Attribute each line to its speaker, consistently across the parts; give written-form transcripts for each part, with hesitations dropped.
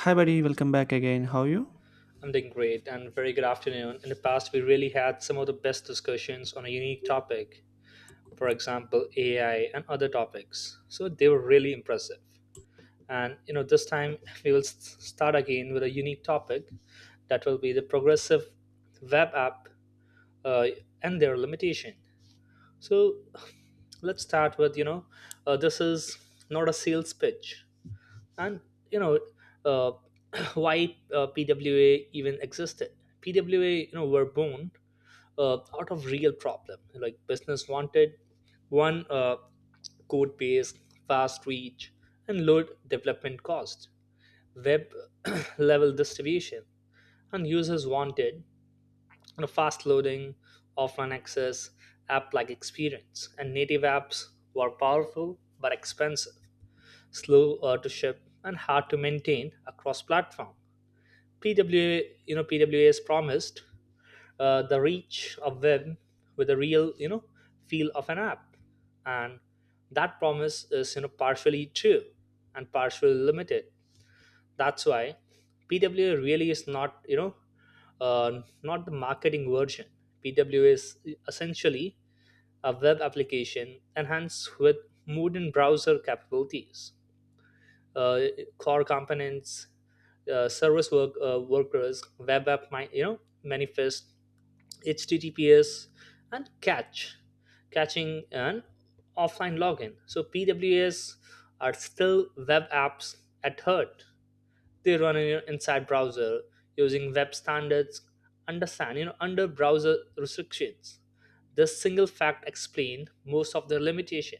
Speaker 1: Hi, buddy. Welcome back again. How are you?
Speaker 2: I'm doing great and very good afternoon. In the past, we really had some of the best discussions on a unique topic, for example, AI and other topics. So they were really impressive. And this time we will start again with a unique topic that will be the progressive web app, uh, and their limitation. So let's start with, this is not a sales pitch, and you know uh, why PWA even existed. PWA, were born out of real problem, like business wanted one code base, fast reach, and low development cost, web level distribution, and users wanted, fast loading, offline access, app like experience, and native apps were powerful but expensive, slow to ship, and hard to maintain across platform. PWA, PWA has promised the reach of web with a real, feel of an app, and that promise is, partially true and partially limited. That's why PWA really is not, not the marketing version. PWA is essentially a web application enhanced with modern browser capabilities, uh, core components, service workers, web app, manifest, HTTPS, and catching, and offline login. So PWAs are still web apps at heart. They run in your inside browser using web standards. Understand, under browser restrictions. This single fact explained most of their limitation,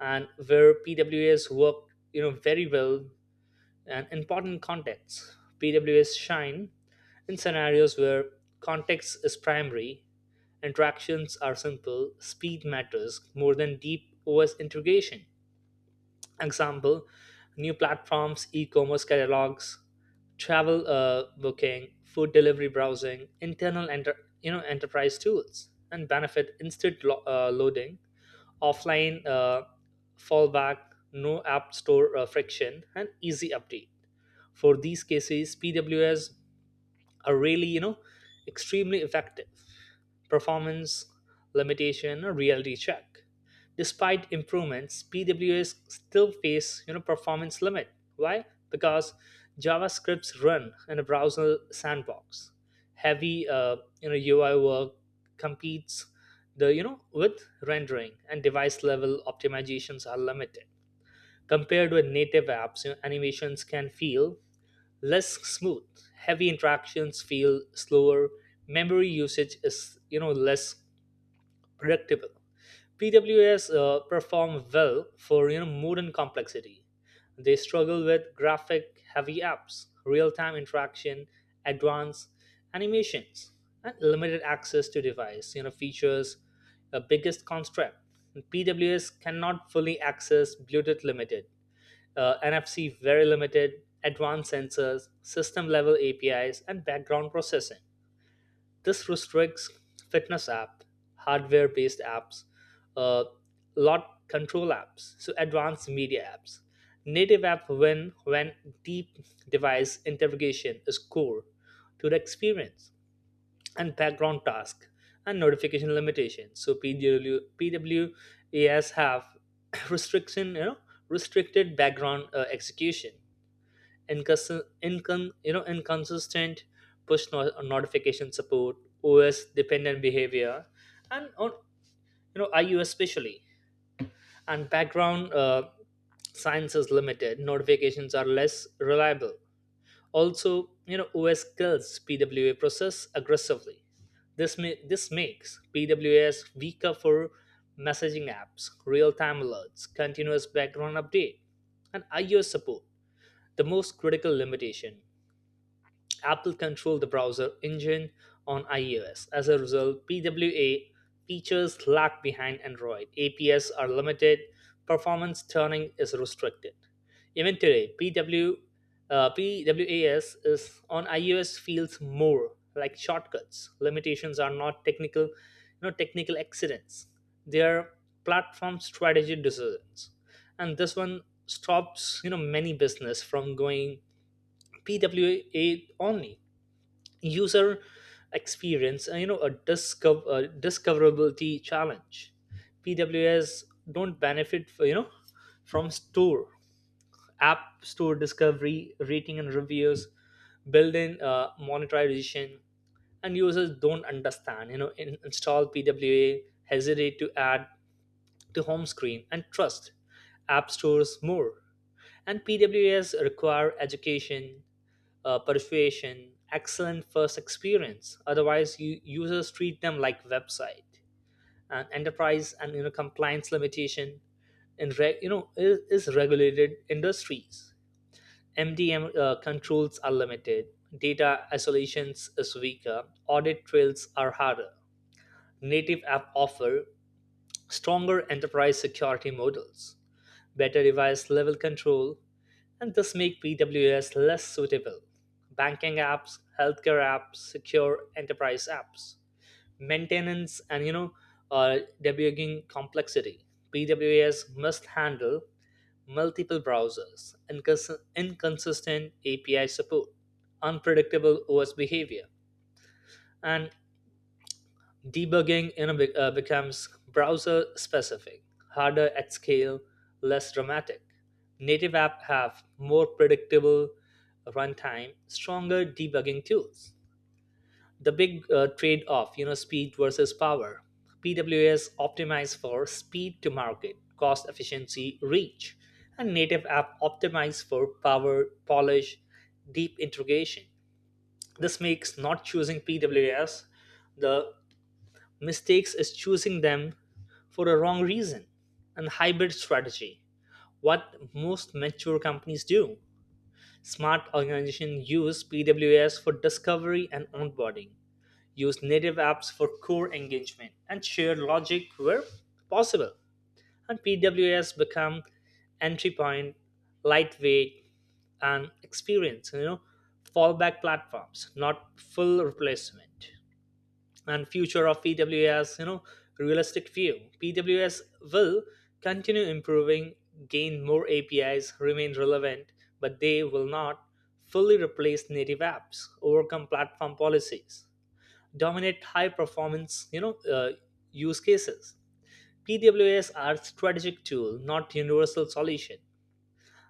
Speaker 2: and where PWAs work, very well and important contexts. PWS shine in scenarios where context is primary, interactions are simple, speed matters more than deep OS integration. Example, new platforms, e-commerce catalogs, travel booking, food delivery browsing, internal enterprise tools, and benefit instant loading, offline fallback, no app store friction, and easy update. For these cases, PWS are really extremely effective. Performance limitation or reality check. Despite improvements, PWS still face performance limit. Why? Because javascripts run in a browser sandbox, heavy UI work competes the you know with rendering, and device level optimizations are limited compared with native apps. Animations can feel less smooth. Heavy interactions feel slower. Memory usage is less predictable. PWAs perform well for modern complexity. They struggle with graphic heavy apps, real time interaction, advanced animations, and limited access to device features. The biggest constraint. PWS cannot fully access Bluetooth Limited, NFC very limited, advanced sensors, system level APIs, and background processing. This restricts fitness app, hardware based apps, uh, lot control apps, so advanced media apps. Native app win when deep device interrogation is core to the experience, and background task and notification limitations. So PWAS have restriction, you know, restricted background execution, inconsistent push notification support, OS dependent behavior, and on iOS especially, and background science is limited, notifications are less reliable. Also, OS kills PWA process aggressively. This this makes PWAs weaker for messaging apps, real-time alerts, continuous background update. And iOS support, the most critical limitation. Apple controlled the browser engine on iOS. As a result, PWA features lag behind Android. APIs are limited, performance tuning is restricted. Even today, PWAS is on iOS feels more like shortcuts. Limitations are not technical, technical accidents. They are platform strategy decisions, and this one stops many business from going PWA only. User experience, a discoverability challenge. PWS don't benefit for, from store app store discovery rating and reviews, built-in monetization. And users don't understand install PWA, hesitate to add to home screen and trust app stores more. And PWAs require education, persuasion, excellent first experience, otherwise users treat them like website. And enterprise and compliance limitation. In is regulated industries, MDM controls are limited, data isolations is weaker, audit trails are harder. Native app offer stronger enterprise security models, better device level control, and this make PWAs less suitable. Banking apps, healthcare apps, secure enterprise apps, maintenance, and uh, debugging complexity. PWAs must handle multiple browsers, inconsistent API support, unpredictable OS behavior, and debugging in a becomes browser specific, harder at scale, less dramatic. Native apps have more predictable runtime, stronger debugging tools. The big trade-off, speed versus power. PWS optimized for speed to market, cost efficiency, reach, and native app optimized for power, polish, deep integration. This makes not choosing PWS the mistakes is choosing them for a wrong reason. And hybrid strategy, what most mature companies do. Smart organizations use PWS for discovery and onboarding, use native apps for core engagement, and share logic where possible. And PWS become entry point, lightweight, and experience, fallback platforms, not full replacement. And future of PWA's, realistic view. PWS will continue improving, gain more APIs, remain relevant, but they will not fully replace native apps, overcome platform policies, dominate high performance use cases. PWS are strategic tool, not universal solution,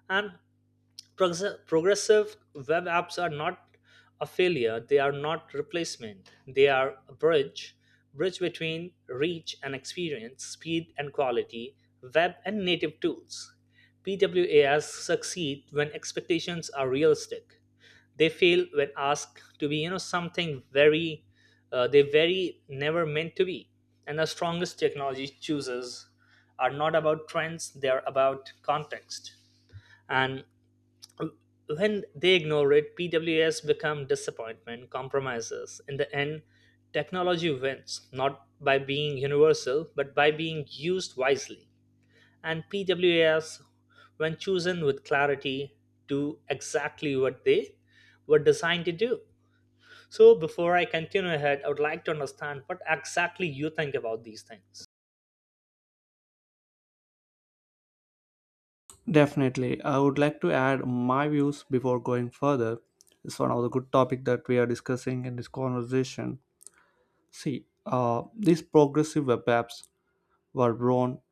Speaker 2: and progressive web apps are not a failure, they are not replacement, they are a bridge between reach and experience, speed and quality, web and native tools. PWAs succeed when expectations are realistic. They fail when asked to be something very, they very never meant to be. And the strongest technology chooses are not about trends, they are about context, and when they ignore it, PWS become disappointment, compromises. In the end, technology wins, not by being universal, but by being used wisely. And PWS, when chosen with clarity, do exactly what they were designed to do. So, before I continue ahead, I would like to understand what exactly you think about these things.
Speaker 1: Definitely. I would like to add my views before going further. It's one of the good topic that we are discussing in this conversation. See, these progressive web apps were born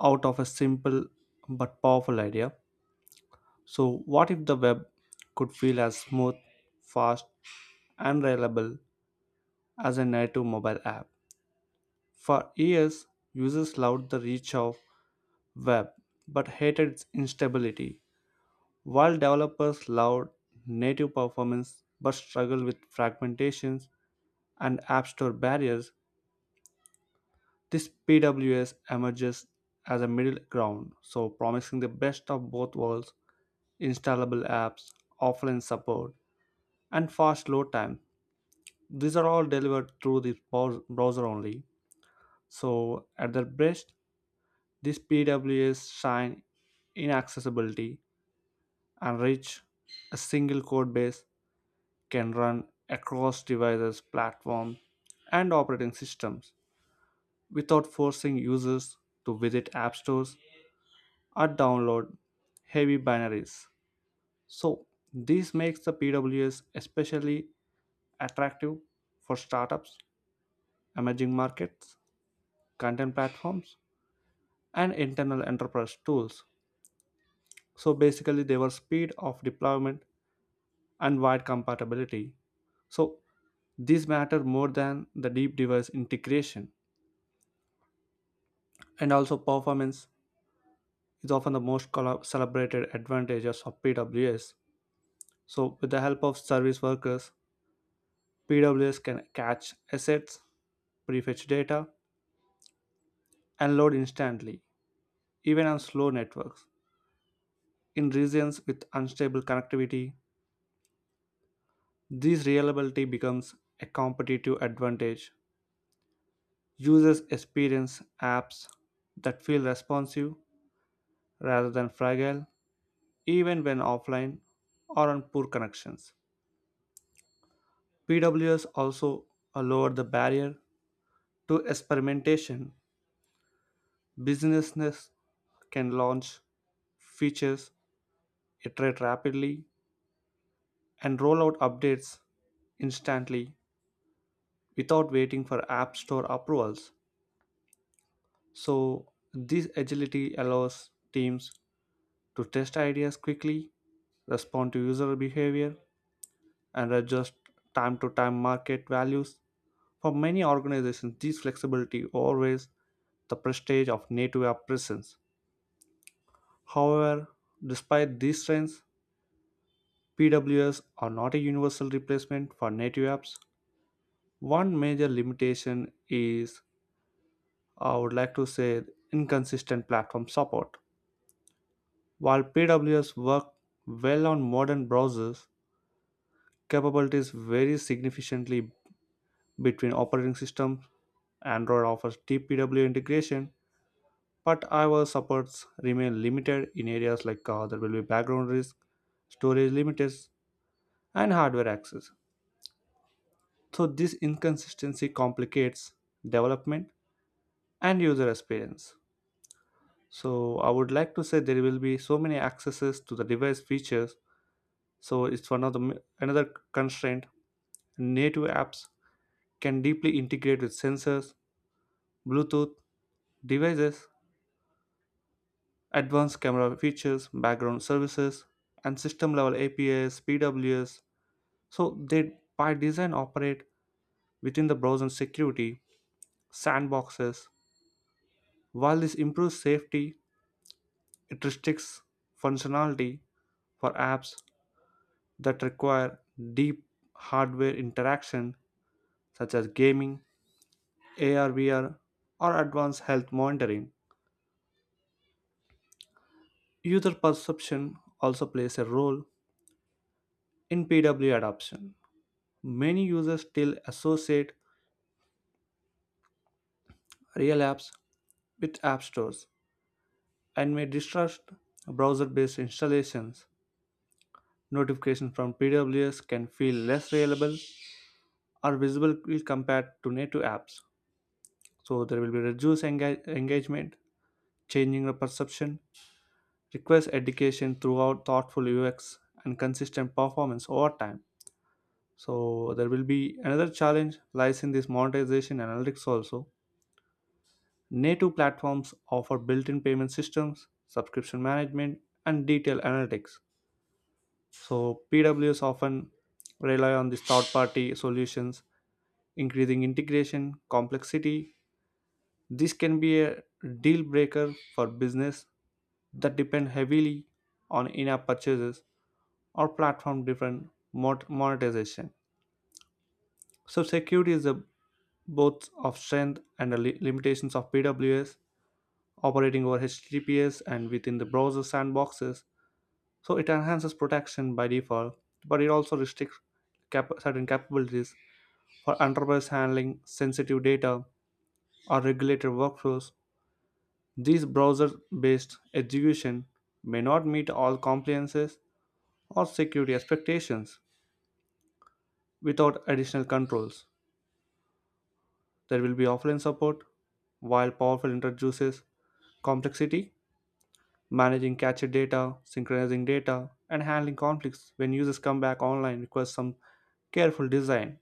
Speaker 1: out of a simple but powerful idea. So, what if the web could feel as smooth, fast, and reliable as a native mobile app? For years, users loved the reach of web but hated its instability, while developers loved native performance but struggled with fragmentations and app store barriers. This PWS emerges as a middle ground, so promising the best of both worlds, installable apps, offline support, and fast load time. These are all delivered through the browser only. So at their best, this PWS shine in accessibility and reach. A single code base can run across devices, platforms, and operating systems without forcing users to visit app stores or download heavy binaries. So, this makes the PWS especially attractive for startups, emerging markets, content platforms, and internal enterprise tools. So basically, their speed of deployment and wide compatibility. So these matter more than the deep device integration. And also performance is often the most celebrated advantages of PWS. So with the help of service workers, PWS can catch assets, prefetch data, and load instantly, even on slow networks. In regions with unstable connectivity, this reliability becomes a competitive advantage. Users experience apps that feel responsive rather than fragile, even when offline or on poor connections. PWS also lowered the barrier to experimentation. Businesses can launch features, iterate rapidly, and roll out updates instantly without waiting for App Store approvals. So, this agility allows teams to test ideas quickly, respond to user behavior, and adjust time to time market values. For many organizations, this flexibility always the prestige of native app presence. However, despite these strengths, PWS are not a universal replacement for native apps. One major limitation is, I would like to say, inconsistent platform support. While PWS work well on modern browsers, capabilities vary significantly between operating systems. Android offers deep TPW integration, but our supports remain limited in areas like there will be background risk, storage limits, and hardware access. So this inconsistency complicates development and user experience. So I would like to say there will be so many accesses to the device features. So it's one of the another constraint. Native apps can deeply integrate with sensors, Bluetooth devices, advanced camera features, background services, and system level APIs, PWS, so they by design operate within the browser security sandboxes. While this improves safety, it restricts functionality for apps that require deep hardware interaction such as gaming, AR VR, or advanced health monitoring. User perception also plays a role in PW adoption. Many users still associate real apps with app stores and may distrust browser based installations. Notifications from PWS can feel less reliable or visible compared to native apps. So there will be reduced engagement, changing the perception, requires education throughout thoughtful UX and consistent performance over time. So there will be another challenge lies in this monetization analytics also. Native platforms offer built-in payment systems, subscription management, and detailed analytics. So PWS often rely on these third-party solutions increasing integration complexity. This can be a deal breaker for business that depend heavily on in-app purchases or platform driven monetization. So security is the both of strength and the limitations of PWS operating over HTTPS and within the browser sandboxes. So it enhances protection by default, but it also restricts certain capabilities for enterprise handling sensitive data or regulated workflows. This browser based execution may not meet all compliances or security expectations. Without additional controls, there will be offline support. While powerful introduces complexity, managing cached data, synchronizing data, and handling conflicts when users come back online requires some careful design.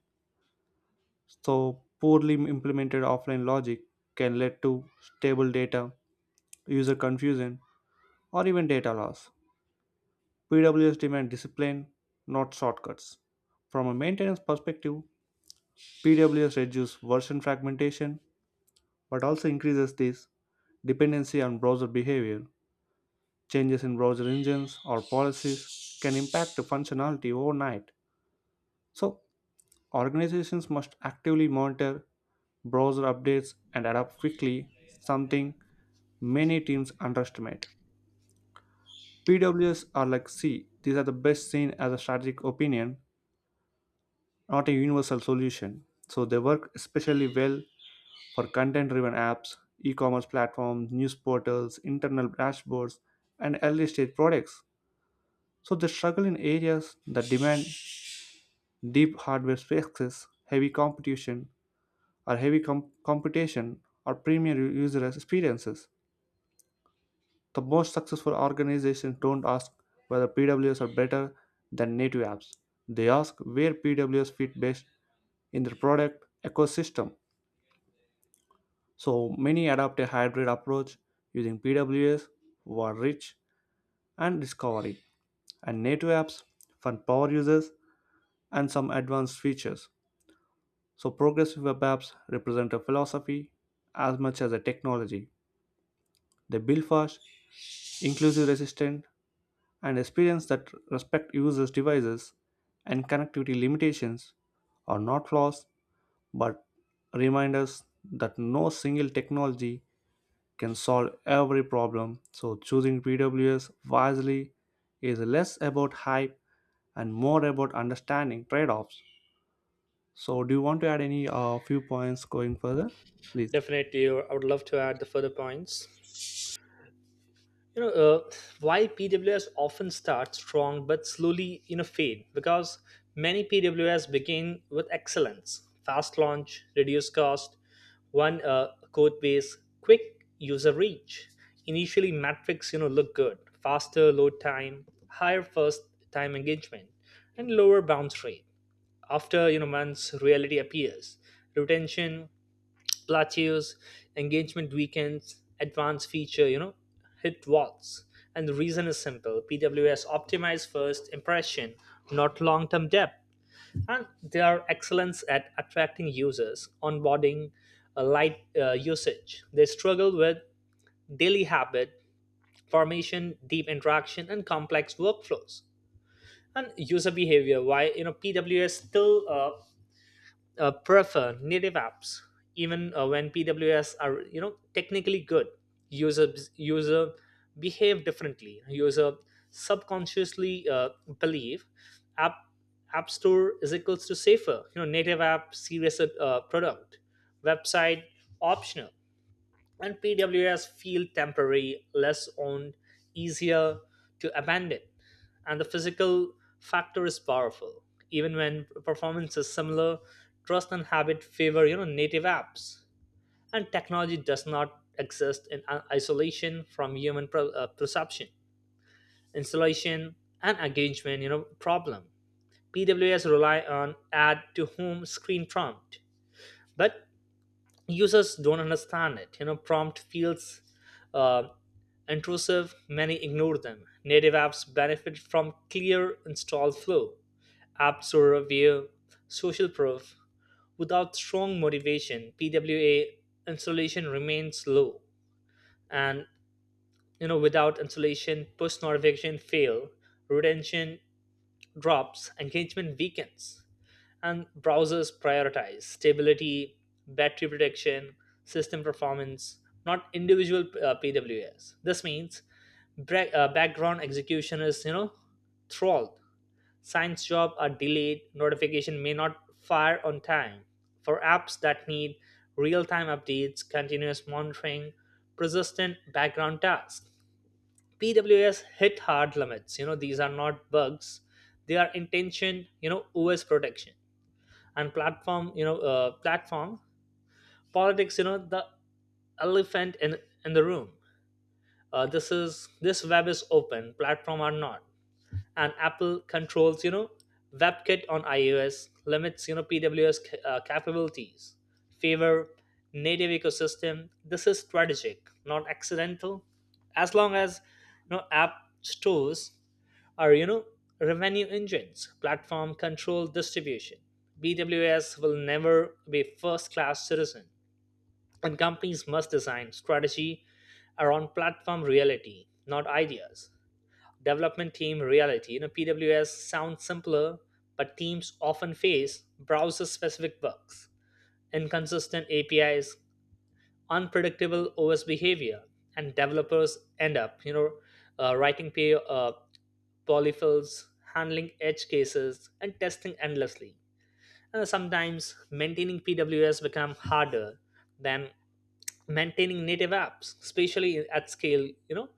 Speaker 1: So, poorly implemented offline logic can lead to stable data, user confusion, or even data loss. PWS demand discipline, not shortcuts. From a maintenance perspective, PWS reduces version fragmentation but also increases this dependency on browser behavior. Changes in browser engines or policies can impact the functionality overnight. So, organizations must actively monitor browser updates and adapt quickly, something many teams underestimate. PWS are like C, these are the best seen as a strategic opinion not a universal solution. So they work especially well for content driven apps, e commerce platforms, news portals, internal dashboards, and early stage products. So they struggle in areas that demand deep hardware specs, heavy competition, or heavy computation, or premium user experiences. The most successful organizations don't ask whether PWS are better than native apps. They ask where PWS fit best in their product ecosystem. So many adopt a hybrid approach using PWS for rich and discovery and native apps for power users and some advanced features. So progressive web apps represent a philosophy as much as a technology. They build fast, inclusive resistant, and experience that respect users' devices and connectivity limitations are not flaws but reminders that no single technology can solve every problem. So choosing PWS wisely is less about hype and more about understanding trade-offs. So do you want to add any few points going further? Please.
Speaker 2: Definitely, I would love to add the further points. you know uh, why PWS often start strong but slowly fade. Because many PWS begin with excellence, fast launch, reduced cost, one code base, quick user reach. Initially metrics look good, faster load time, higher first time engagement, and lower bounce rate. After months, reality appears. Retention plateaus, engagement weekends, advanced feature, hit walls. And the reason is simple. PWS optimize first impression, not long term depth. And they are excellence at attracting users, onboarding, light usage. They struggle with daily habit formation, deep interaction, and complex workflows. And user behavior, why PWS still prefer native apps, even when PWS are technically good. User user behave differently. User subconsciously believe app app store is equals to safer, native app serious product, website optional, and PWAs feel temporary, less owned, easier to abandon. And the physical factor is powerful. Even when performance is similar, trust and habit favor native apps. And technology does not exist in isolation from human perception, installation, and engagement. Problem. PWAs rely on add to home screen prompt, but users don't understand it. Prompt feels uh, intrusive, many ignore them. Native apps benefit from clear install flow, Apps store review, social proof. Without strong motivation, PWA installation remains low. And without installation, push notification fail, retention drops, engagement weakens, and browsers prioritize stability, battery protection, system performance, not individual PWAs. This means background execution is throttled. Science job are delayed. Notification may not fire on time. For apps that need real-time updates, continuous monitoring, persistent background tasks, PWS hit hard limits. These are not bugs; they are intention. OS protection and platform, platform politics, the elephant in the room. This is, this web is open platform are not, and Apple controls webkit on iOS limits PWS capabilities favor native ecosystem. This is strategic, not accidental. As long as app stores are revenue engines, platform control distribution, bws will never be first class citizen, and companies must design strategy around platform reality, not ideas. Development team reality. PWS sounds simpler, but teams often face browser specific bugs, inconsistent apis, unpredictable OS behavior, and developers end up, writing polyfills, handling edge cases, and testing endlessly. And sometimes maintaining PWS become harder than maintaining native apps, especially at scale. You know,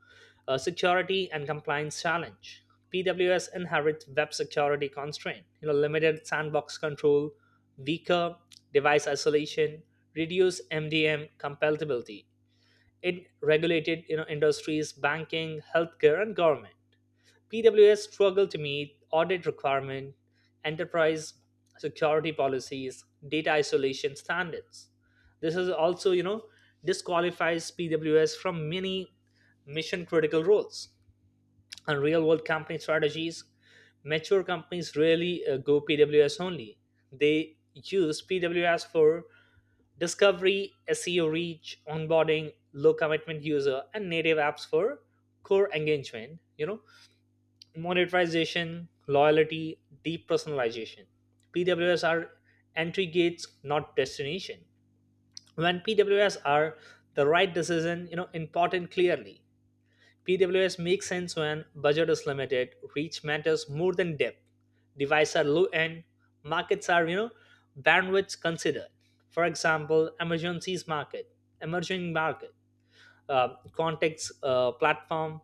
Speaker 2: Security and compliance challenge. PWS inherits web security constraint. Limited sandbox control, weaker device isolation, reduced MDM compatibility, in regulated industries, banking, healthcare, and government. PWS struggle to meet audit requirement, enterprise security policies, data isolation standards. This is also, disqualifies PWS from many mission critical roles and real world company strategies. Mature companies rarely go PWS only. They use PWS for discovery, SEO reach, onboarding, low commitment user, and native apps for core engagement, monetization, loyalty, deep personalization. PWS are entry gates, not destination. When PWS are the right decision, you know, important clearly. PWS makes sense when budget is limited, reach matters more than depth, devices are low end, markets are, bandwidth considered. For example, emergencies market, emerging market, context platform,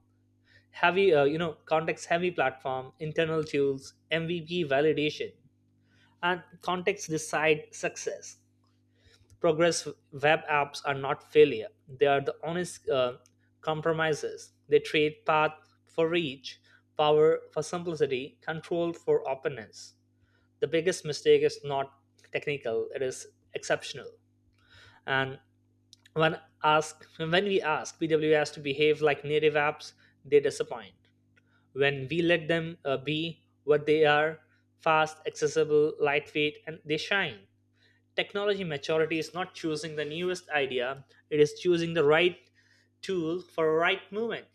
Speaker 2: heavy, you know, context heavy platform, internal tools, MVP validation, and context decide success. Progress web apps are not failure. They are the honest compromises. They trade path for reach, power for simplicity, control for openness. The biggest mistake is not technical, it is exceptional. And when we ask PWAs to behave like native apps, they disappoint. When we let them be what they are, fast, accessible, lightweight, and they shine. Technology maturity is not choosing the newest idea, it is choosing the right tool for a right movement.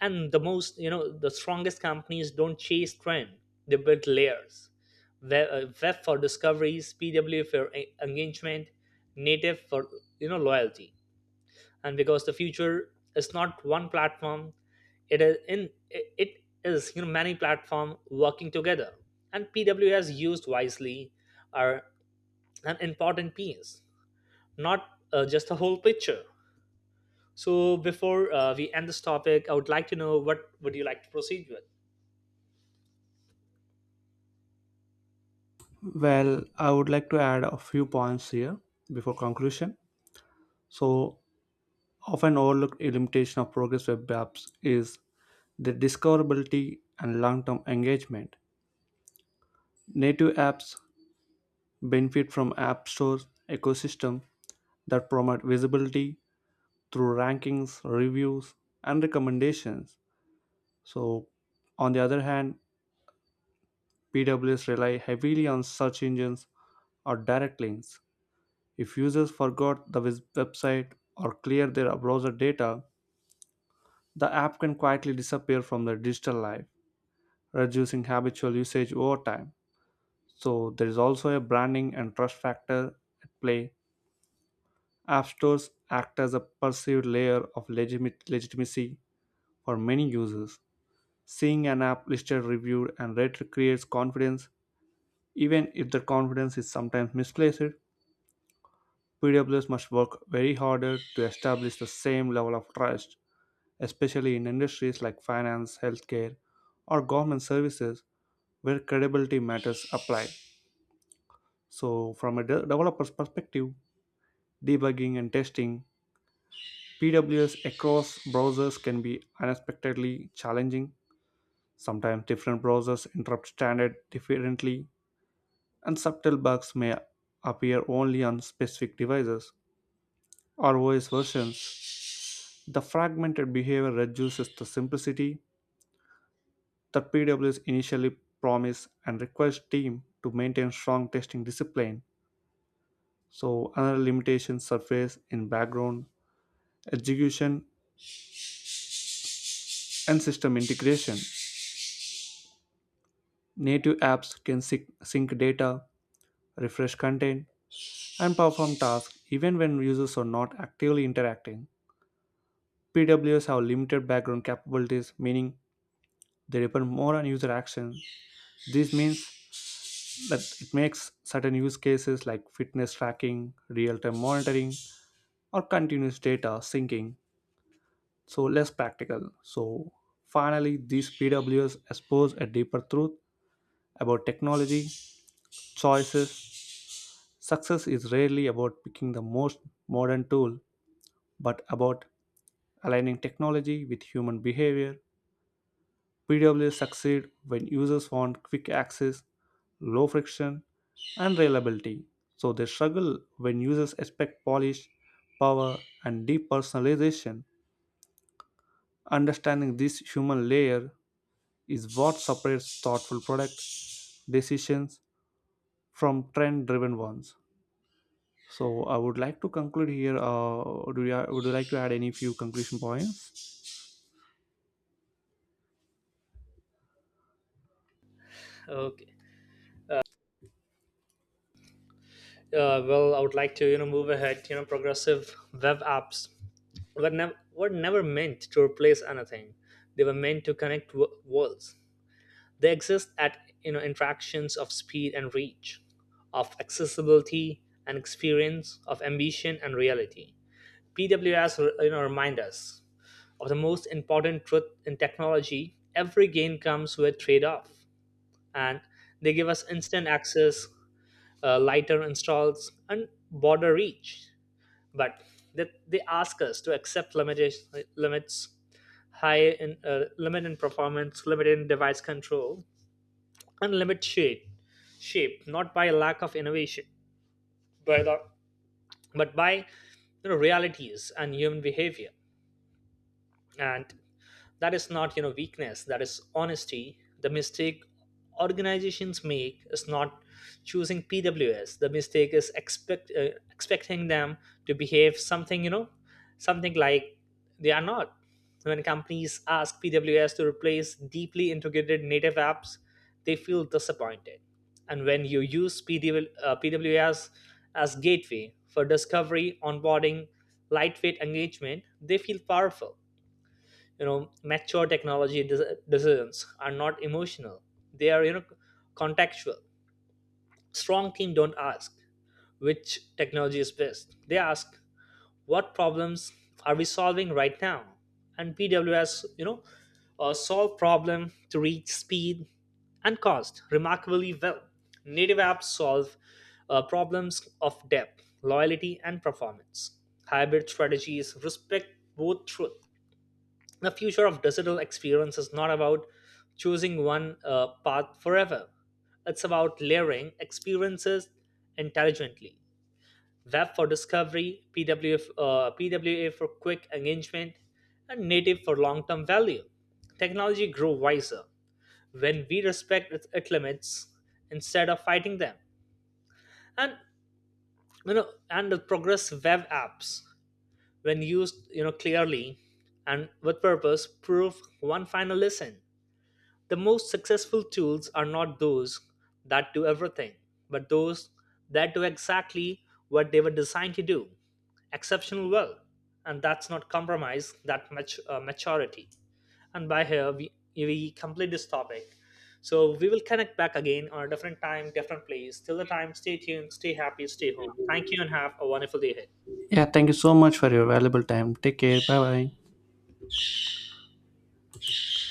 Speaker 2: And the most, you know, the strongest companies don't chase trend, they build layers. Web for discoveries, PW for engagement, native for, loyalty. And because the future is not one platform, it is, many platform working together, and PWS used wisely are an important piece, not just the whole picture. So before we end this topic, I would like to know what would you like to proceed with?
Speaker 1: Well, I would like to add a few points here before conclusion. So, often overlooked limitation of Progress Web apps is the discoverability and long term engagement. Native apps benefit from App Store ecosystem that promote visibility through rankings, reviews, and recommendations. So, on the other hand, PWS rely heavily on search engines or direct links. If users forgot the website or clear their browser data, the app can quietly disappear from their digital life, reducing habitual usage over time. So, there is also a branding and trust factor at play. App stores act as a perceived layer of legitimacy for many users. Seeing an app listed, reviewed, and rated creates confidence. Even if the confidence is sometimes misplaced, PWS must work very harder to establish the same level of trust, especially in industries like finance, healthcare, or government services where credibility matters apply. So, from a developer's perspective, debugging and testing, PWS across browsers can be unexpectedly challenging. Sometimes different browsers interrupt standard differently and subtle bugs may appear only on specific devices or OS versions. The fragmented behavior reduces the simplicity that PWS initially promise and requires team to maintain strong testing discipline. So another limitation surface in background execution and system integration. Native apps can sync data, refresh content, and perform tasks even when users are not actively interacting. PWS have limited background capabilities, meaning they depend more on user action. This means that it makes certain use cases like fitness tracking, real time monitoring, or continuous data syncing so less practical. So finally, these PWS expose a deeper truth about technology choices. Success is rarely about picking the most modern tool, but about aligning technology with human behavior. PWs succeed when users want quick access, low friction, and reliability. So they struggle when users expect polish, power, and deep personalization. Understanding this human layer is what separates thoughtful product decisions from trend driven ones. So I would like to conclude here. Do you, would you like to add any few conclusion points?
Speaker 2: Okay. Well, I would like to move ahead. You know, progressive web apps were never meant to replace anything. They were meant to connect worlds. They exist at interactions of speed and reach, of accessibility and experience, of ambition and reality. PWS, you know, remind us of the most important truth in technology. Every gain comes with trade-off, and they give us instant access, lighter installs and broader reach, but they ask us to accept limits, high in limit in performance, limit in device control, and limit shape shape not by lack of innovation, but, uh, but by, you know, realities and human behavior. And that is not, you know, weakness, that is honesty. The mistake organizations make is not choosing PWS. The mistake is expecting them to behave something, you know, something like they are not. When companies ask PWS to replace deeply integrated native apps, they feel disappointed. And when you use PWS as gateway for discovery, onboarding, lightweight engagement, they feel powerful. You know, mature technology decisions are not emotional, they are, you know, contextual. Strong team don't ask which technology is best. They ask what problems are we solving right now. And PWS, solve problem to reach speed and cost remarkably well. Native apps solve problems of depth, loyalty and performance. Hybrid strategies respect both truth. The future of digital experience is not about choosing one path forever. It's about layering experiences intelligently. Web for discovery, PWA for quick engagement, and native for long term value. Technology grew wiser when we respect its limits instead of fighting them. And, you know, and the progress web apps, when used, you know, clearly and with purpose, prove one final lesson. The most successful tools are not those that do everything, but those that do exactly what they were designed to do exceptional well. And that's not compromise, that much maturity. And by here, we complete this topic. So we will connect back again on a different time, different place. Till the time, stay tuned, stay happy, stay home. Thank you, and have a wonderful day ahead.
Speaker 1: Yeah, thank you so much for your valuable time. Take care. Bye bye.